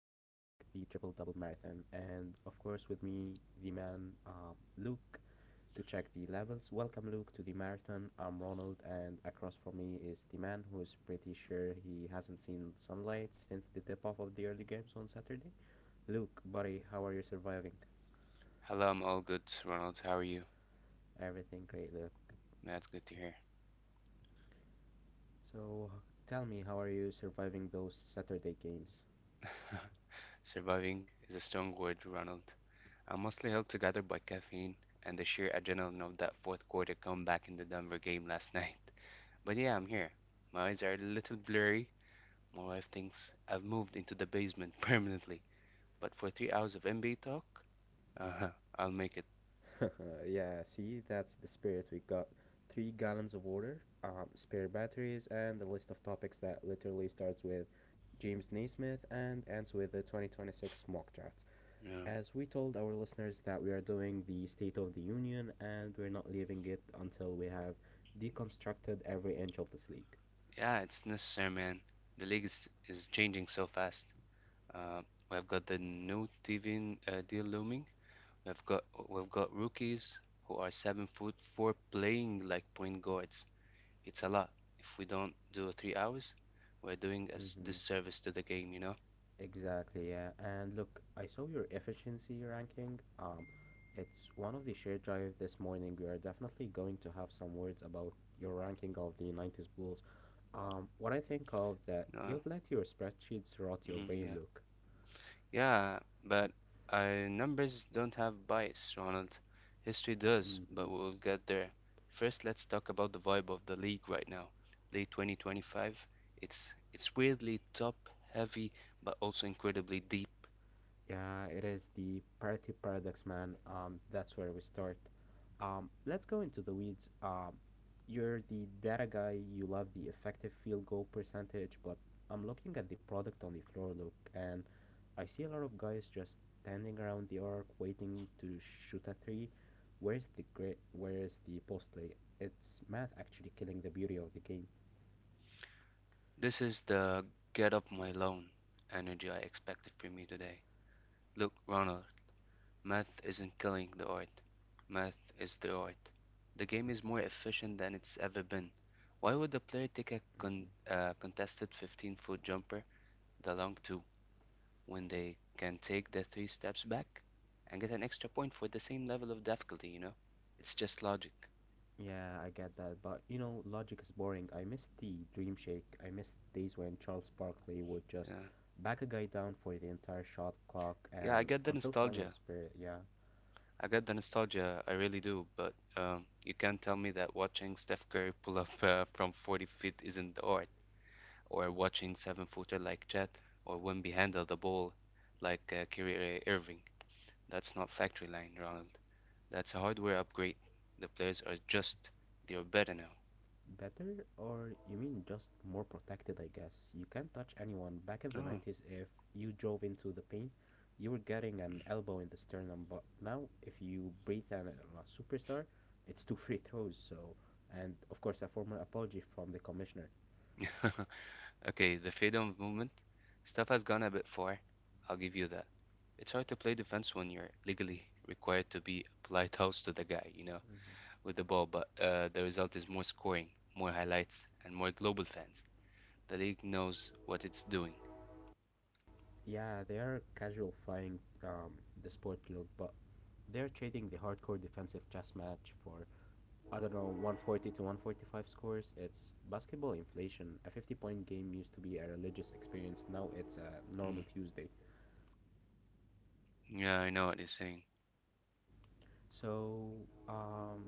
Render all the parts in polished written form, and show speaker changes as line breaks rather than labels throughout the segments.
the Triple Double Marathon. And of course, with me, the man Luke to check the levels. Welcome, Luke, to the marathon. I'm Ronald, and across from me is the man who is pretty sure he hasn't seen sunlight since the tip off of the early games on Saturday. Luke, buddy, how are you surviving?
Hello, I'm all good, Ronald. How are you?
Everything great, Luke.
That's good to hear.
So, tell me, how are you surviving those Saturday games?
Surviving is a strong word, Ronald. I'm mostly held together by caffeine and the sheer adrenaline of that fourth quarter comeback in the Denver game last night. But yeah, I'm here. My eyes are a little blurry. My wife thinks I've moved into the basement permanently. But for 3 hours of NBA talk, uh-huh, I'll make it.
Yeah, see, that's the spirit. We got 3 gallons of water, spare batteries, and a list of topics that literally starts with James Naismith and ends with the 2026 mock draft.
Yeah,
As we told our listeners that we are doing the State of the Union and we're not leaving it until we have deconstructed every inch of this league.
yeah, it's necessary, man. The league is changing so fast. Uh, we've got the new TV deal looming. We've got we've got rookies who are 7'4" playing like point guards. It's a lot. If we don't do 3 hours, we're doing a
Hmm.
disservice to the game, you know?
Exactly, yeah. And look, I saw your efficiency ranking. It's one of the shared drive this morning. We are definitely going to have some words about your ranking of the 90s Bulls. What I think of that
Uh,
you've let your spreadsheets rot your
mhm,
brain,
yeah.
Luke.
Yeah, but Numbers don't have bias, Ronald. History does,
Hmm.
but we'll get there. First, let's talk about the vibe of the league right now. Late 2025, it's weirdly top heavy, but also incredibly deep.
Yeah, it is the parity paradox, man. That's where we start. Let's go into the weeds. You're the data guy, you love the effective field goal percentage, but I'm looking at the product on the floor, look, and I see a lot of guys just standing around the arc waiting to shoot a three. Where's the great? Where's the post play? It's math actually killing the beauty of the game.
This is the "get off my lawn" energy I expected from you today. Look, Ronald, math isn't killing the art. Math is the art. The game is more efficient than it's ever been. Why would the player take a contested 15-foot jumper, the long two, when they can take the three steps back and get an extra point for the same level of difficulty, you know? It's just logic.
Yeah, I get that, but you know, logic is boring. I miss the Dream Shake. I miss days when Charles Barkley would just
Yeah,
back a guy down for the entire shot clock
yeah, I
and
get the
until someone's
nostalgia,
spirit, yeah.
I really do, but you can't tell me that watching Steph Curry pull up from 40 feet isn't the art, or watching seven-footer like Chet, or Wimby handle the ball like Kyrie Irving. That's not factory line, Ronald. That's a hardware upgrade. The players are just, they're better
Better? Or you mean just more protected, I guess. You can't touch anyone. Back in the
now.
90s, if you drove into the paint, you were getting an elbow in the sternum, but now if you breathe on a superstar, it's two free throws, so. And of course, a formal apology from the commissioner.
Oh. Okay, the freedom of movement stuff has gone a bit far. I'll give you that. It's hard to play defense when you're legally required to be a polite host to the guy, you know, with the ball, but the result is more scoring, more highlights, and more global fans. The league knows what it's doing.
Yeah, they are casualifying the sport look, but they're trading the hardcore defensive chess match for I don't know 140 to 145 scores. It's basketball inflation. A 50 point game used to be a religious experience. Now it's a normal
Mm.
Tuesday.
Yeah, I know what you're saying.
So, um,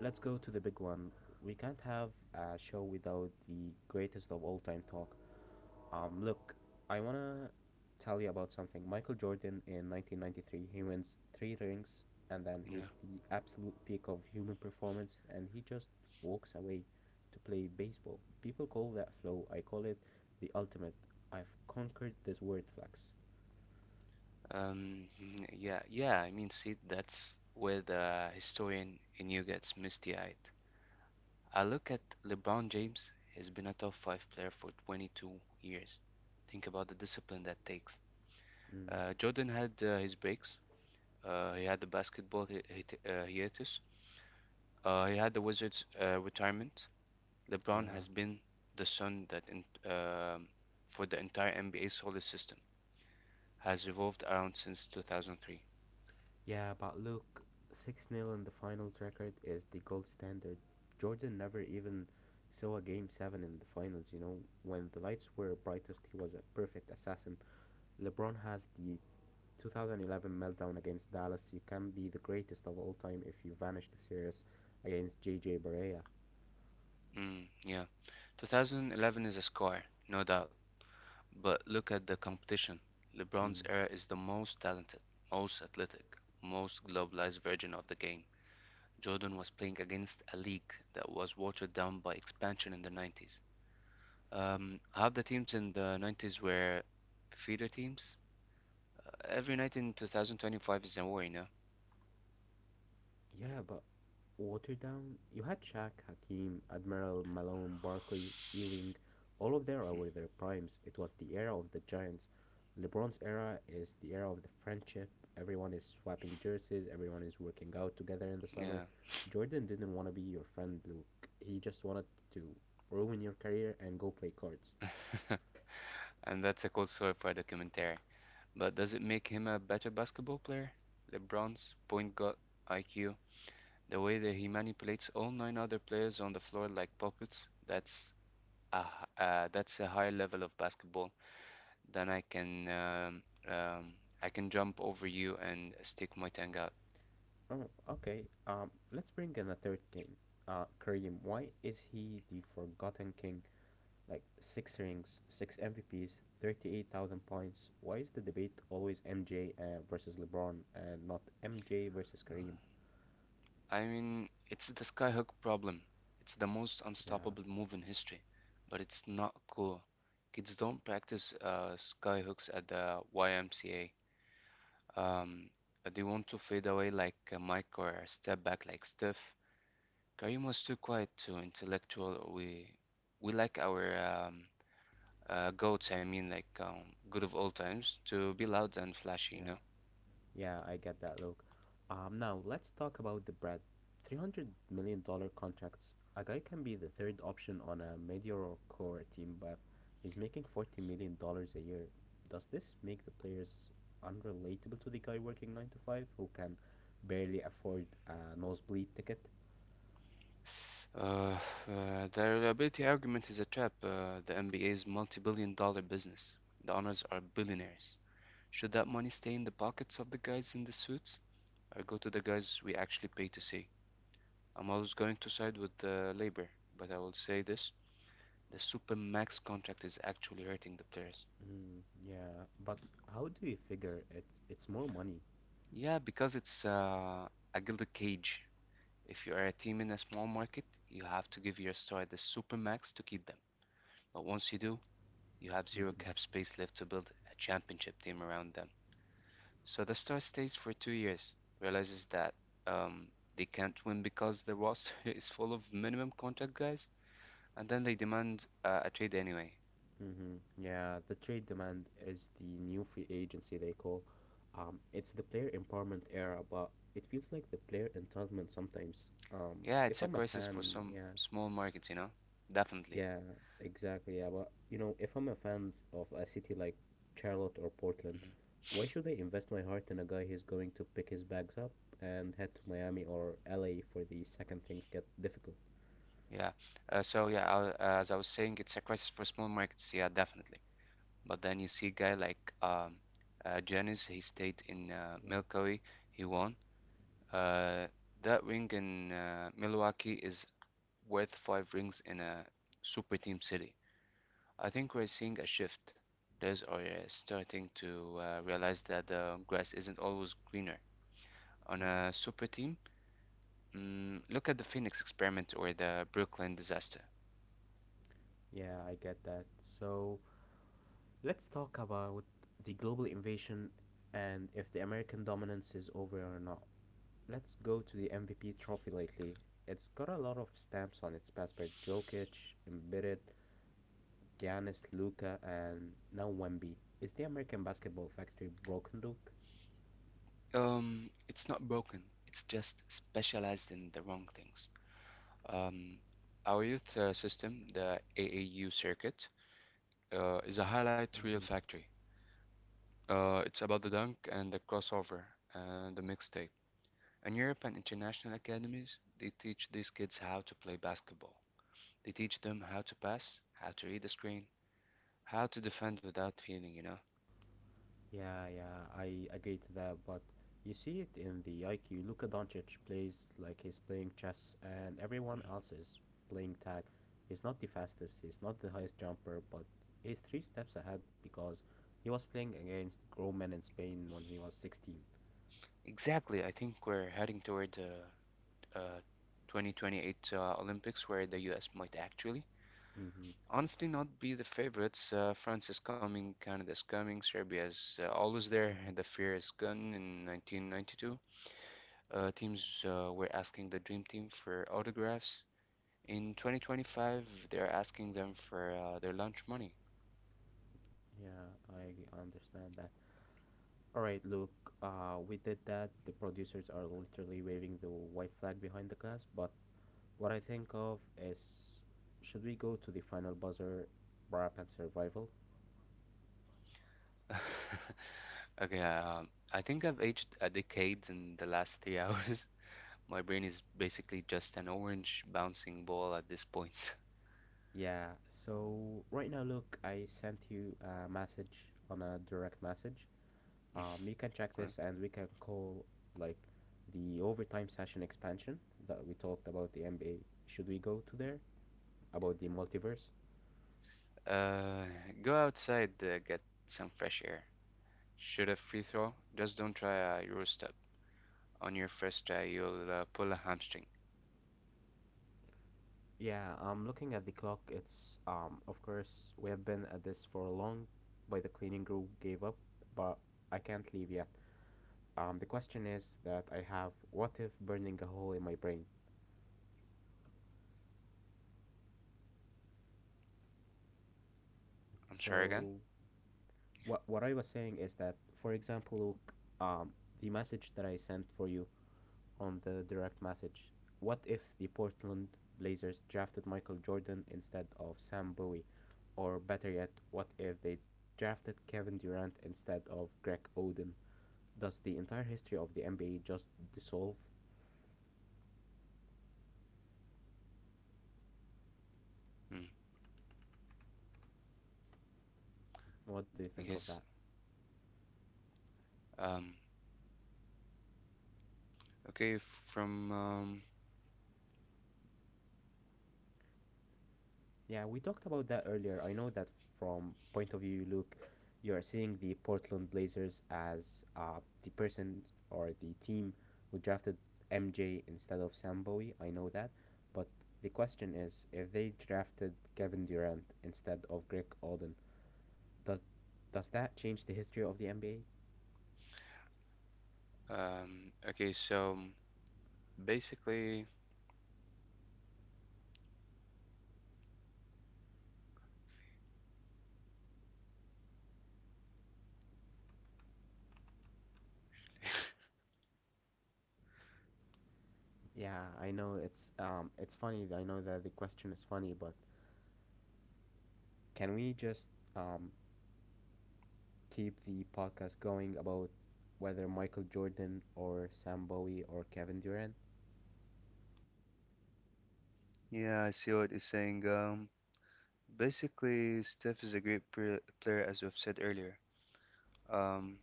let's go to the big one. We can't have a show without the greatest of all time talk. Look, I wanna tell you about something. Michael Jordan in 1993, he wins three rings, and then
Yeah.
he's the absolute peak of human performance, and he just walks away to play baseball. People call that flow. I call it the ultimate. I've conquered this word, flex.
Um, yeah, I mean, see, that's where the historian in you gets misty-eyed. I look at LeBron James, he's been a top five player for 22 years. Think about the discipline that takes.
Mm,
Jordan had his breaks. He had the basketball hiatus. He had the Wizards' retirement. LeBron
yeah,
has been the sun that um for the entire NBA solar system has revolved around since 2003.
yeah, but look, six nil in the finals record is the gold standard. Jordan never even saw a game seven in the finals. You know, when the lights were brightest, he was a perfect assassin. LeBron has the 2011 meltdown against Dallas. You can be the greatest of all time if you vanish the series against JJ Barea.
Mm, yeah. 2011 is a score, no doubt, but look at the competition. LeBron's
Mm.
era is the most talented, most athletic, most globalized version of the game. Jordan was playing against a league that was watered down by expansion in the 90s. Half the teams in the 90s were feeder teams. Every night in 2025 is a war, you know.
Yeah, but watered down. You had Shaq, Hakeem, Admiral, Malone, Barkley, Ewing. All of them
Mhm.
were their primes. It was the era of the Giants. LeBron's era is the era of the friendship. Everyone is swapping jerseys. Everyone is working out together in the summer.
Yeah.
Jordan didn't want to be your friend, Luke. He just wanted to ruin your career and go play cards.
And that's a cold story for a documentary. But does it make him a better basketball player? LeBron's point guard IQ, the way that he manipulates all nine other players on the floor like puppets, that's that's a higher level of basketball. Then um, I can jump over you and stick my tongue out.
Oh, okay. Let's bring in a third king. Kareem, why is he the forgotten king? Like six rings, six MVPs, 38,000 points. Why is the debate always MJ versus LeBron and not MJ versus Kareem?
I mean, it's the skyhook problem. It's the most
Yeah,
unstoppable move in history, but it's not cool. Kids don't practice skyhooks at the YMCA. Um, they want to fade away like Mike or step back like Steph. Karim was too quiet, too intellectual. We like our goats. I mean, like good of old times, to be loud and flashy, you
yeah.
know.
Yeah, I get that, Luke. Now let's talk about the Brad. $300 million contracts. A guy can be the third option on a mediocre core team, but he's making $40 million a year. Does this make the players unrelatable to the guy working nine to five who can barely afford a nosebleed ticket?
Uh, the reliability argument is a trap. The NBA's multi-billion-dollar business. The owners are billionaires. Should that money stay in the pockets of the guys in the suits or go to the guys we actually pay to see? I'm always going to side with the labor, but I will say this, the supermax contract is actually hurting the players.
Mm, yeah, but how do you figure it's more money?
Yeah, because it's a gilded cage. If you are a team in a small market, you have to give your star the supermax to keep them. But once you do, you have zero cap space left to build a championship team around them. So the star stays for 2 years, realizes that um, they can't win because the roster is full of minimum contract guys, and then they demand a trade anyway.
Hmm. Yeah, the trade demand is the new free agency they call. It's the player empowerment era, but it feels like the player entitlement sometimes. Um,
Yeah,
if
it's a
I'm a
crisis for
fan,
some
yeah,
small markets, you know? Definitely.
yeah, exactly, yeah. But you know, if I'm a fan of a city like Charlotte or Portland,
Hmm.
why should I invest my heart in a guy who's going to pick his bags up and head to Miami or LA for the second things get difficult?
Yeah. So yeah, as I was saying, it's a crisis for small markets. Yeah, definitely. But then you see a guy like Janis. He stayed in
Yeah.
Milwaukee. He won. Uh, that ring in Milwaukee is worth 5 rings in a super team city. I think we're seeing a shift. Players are starting to realize that the grass isn't always greener. On a
Hmm.
super team, mm, look at the Phoenix experiment or the Brooklyn disaster.
Yeah, I get that. So. Let's talk about the global invasion and if the American dominance is over or not. Let's go to the MVP trophy lately. It's got a lot of stamps on its passport: Jokic, Embiid, Giannis, Luca, and now Wemby. Is the American basketball factory broken, Luke?
It's not broken. It's just specialized in the wrong things. Um, our youth system, the AAU circuit, is a highlight reel
Mhm.
factory. It's about the dunk and the crossover and the mixtape. In Europe and international academies, they teach these kids how to play basketball. They teach them how to pass, how to read the screen, how to defend without feeling, you know?
Yeah, yeah, I agree to that, but you see it in the IQ. Luka Doncic plays like he's playing chess, and
Mhm.
everyone else is playing tag. He's not the fastest, he's not the highest jumper, but he's three steps ahead because he was playing against grown men in Spain when he was 16.
Exactly. I think we're heading toward the uh, 2028 Olympics where the US might actually,
Mm-hmm.
honestly, not be the favorites. France is coming, Canada is coming, Serbia is always there, and the fear is gone. In 1992, teams were asking the Dream Team for autographs. In 2025, they're asking them for their lunch money.
Yeah, I understand that. All right, Luke, we did that. The producers are literally waving the white flag behind the glass, but what I think of is should we go to the final buzzer wrap and survival?
Okay, I think I've aged a decade in the last 3 hours. My brain is basically just an orange bouncing ball at this point.
Yeah, so right now, look, I sent you a message on a direct message. You can check
Huh?
this and we can call like the overtime session expansion that we talked about the NBA. Should we go to there about the multiverse?
Uh, Go outside, get some fresh air. Shoot a free throw, just don't try a Euro step. On your first try, you'll pull a hamstring.
Yeah, I'm looking at the clock. It's, of course, we have been at this for long, but the cleaning crew gave up, but I can't leave yet. The question is that I have what if burning a hole in my brain?
I'm sorry again?
So what I was saying is that, for example, Luke, um, the message that I sent for you on the direct message. What if the Portland Blazers drafted Michael Jordan instead of Sam Bowie, or better yet, what if they drafted Kevin Durant instead of Greg Oden? Does the entire history of the NBA just dissolve?
Hmm.
What do
Okay,
you
s-
think of that?
um, Okay, from
Yeah, we talked about that earlier. I know that from point of view, Luke, you are seeing the Portland Blazers as the person or the team who drafted MJ instead of Sam Bowie. I know that, but the question is, if they drafted Kevin Durant instead of Greg Oden, does does that change the history of the NBA?
okay, so basically,
Yeah, I know it's funny. I know that the question is funny, but can we just um keep the podcast going about whether Michael Jordan or Sam Bowie or Kevin Durant.
Yeah, I see what he's saying. Basically, Steph is a great pr- player, as we've said earlier. Um,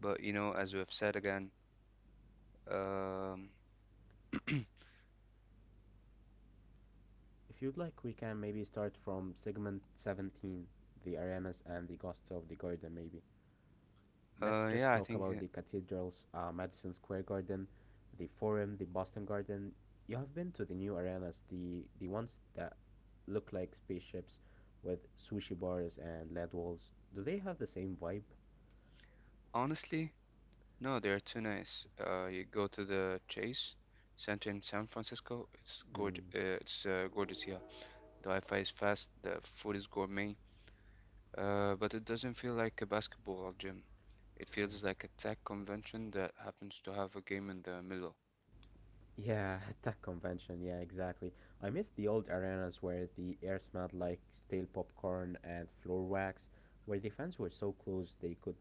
but you know, as we've said again, um,
If you'd like, we can maybe start from segment 17, the arenas and the ghosts of the garden, maybe. Let's just
yeah, I
talk
think
about the cathedrals, Madison Square Garden, the Forum, the Boston Garden. You have been to the new arenas, the ones that look like spaceships with sushi bars and LED walls. Do they have the same vibe?
honestly, no, they are too nice. You go to the Chase Center in San Francisco. It's gorgeous.
Mm,
It's gorgeous. Here. The Wi-Fi is fast. The food is gourmet. But it doesn't feel like a basketball gym. It
yeah.
feels like a tech convention that happens to have a game in the middle.
Yeah, that convention. Yeah, exactly. I miss the old arenas where the air smelled like stale popcorn and floor wax, where the fans were so close they could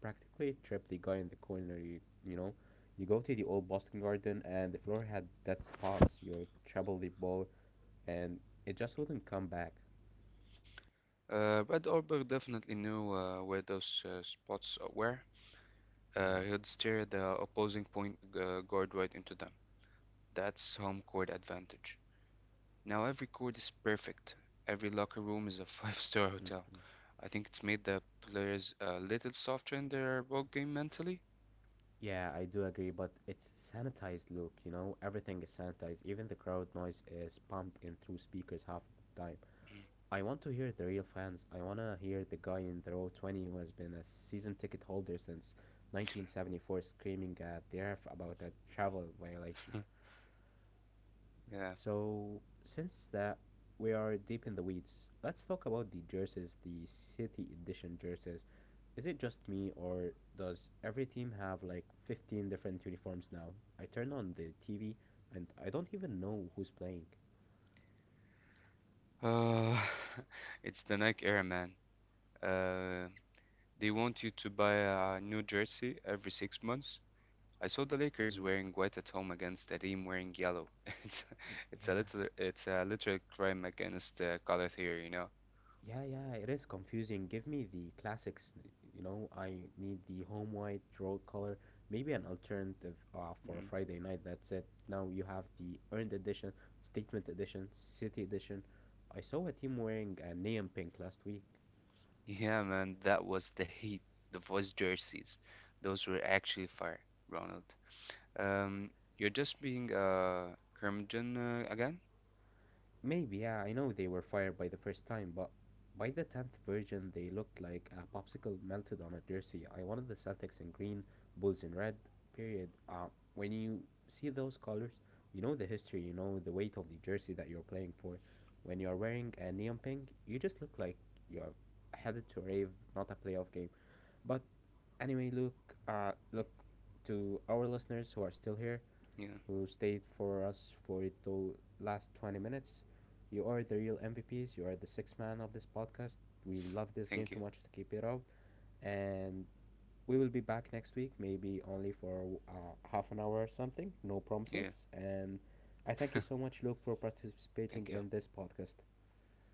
practically trip the guy in the corner. You know, you go to the old Boston Garden and the floor had dead spots. You travel the ball and it just wouldn't come back.
Brad Orberg definitely knew where those spots were.
Yeah.
He'd steer the opposing point guard right into them. That's home court advantage. Now every court is perfect. Every locker room is a five-star
Hmm.
hotel. I think it's made the players a little softer in their ball game mentally.
Yeah, I do agree, but it's sanitized look, you know? Everything is sanitized. Even the crowd noise is pumped in through speakers half the time. I want to hear the real fans. I want to hear the guy in the row 20 who has been a season ticket holder since 1974 screaming at the ref about a travel violation.
Yeah.
So, since that, we are deep in the weeds. Let's talk about the jerseys, the City Edition jerseys. Is it just me, or does every team have like 15 different uniforms now? I turn on the TV and I don't even know who's playing.
Uh, it's the Nike era, man. Uh, they want you to buy a new jersey every 6 months. I saw the Lakers
Mm,
wearing white at home against a team wearing yellow. It's it's
yeah,
a little it's a literal crime against color theory, you know?
yeah, yeah, it is confusing. Give me the classics. You know, I need the home white, draw color, maybe an alternative for a
Mm.
Friday night. That's it. Now you have the earned edition, statement edition, city edition. I saw a team wearing a neon pink last week.
Yeah, man, that was the heat. The voice jerseys, those were actually fire, Ronald. Um, you're just being a curmudgeon again?
Maybe, yeah, I know they were fired by the first time, but by the 10th version, they looked like a popsicle melted on a jersey. I wanted the Celtics in green, Bulls in red, period. When you see those colors, you know the history, you know the weight of the jersey that you're playing for. When you're wearing a neon pink, you just look like you're headed to a rave, not a playoff game. But anyway, look to our listeners who are still here
Yeah,
who stayed for us for the last 20 minutes. You are the real MVPs. You are the sixth man of this podcast. We love this game
thank you.
too much to keep it up. And we will be back next week, maybe only for half an hour or something. No
Yeah,
promises. And I thank you so much, Luke, for participating
thank you.
in this podcast.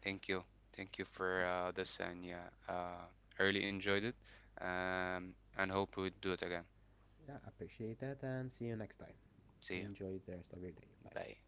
Thank you. Thank you for this, and yeah, I really enjoyed it. And hope we do it again.
Yeah, appreciate that. And see you next time.
See you.
Enjoy the rest of your day. Bye.
Bye.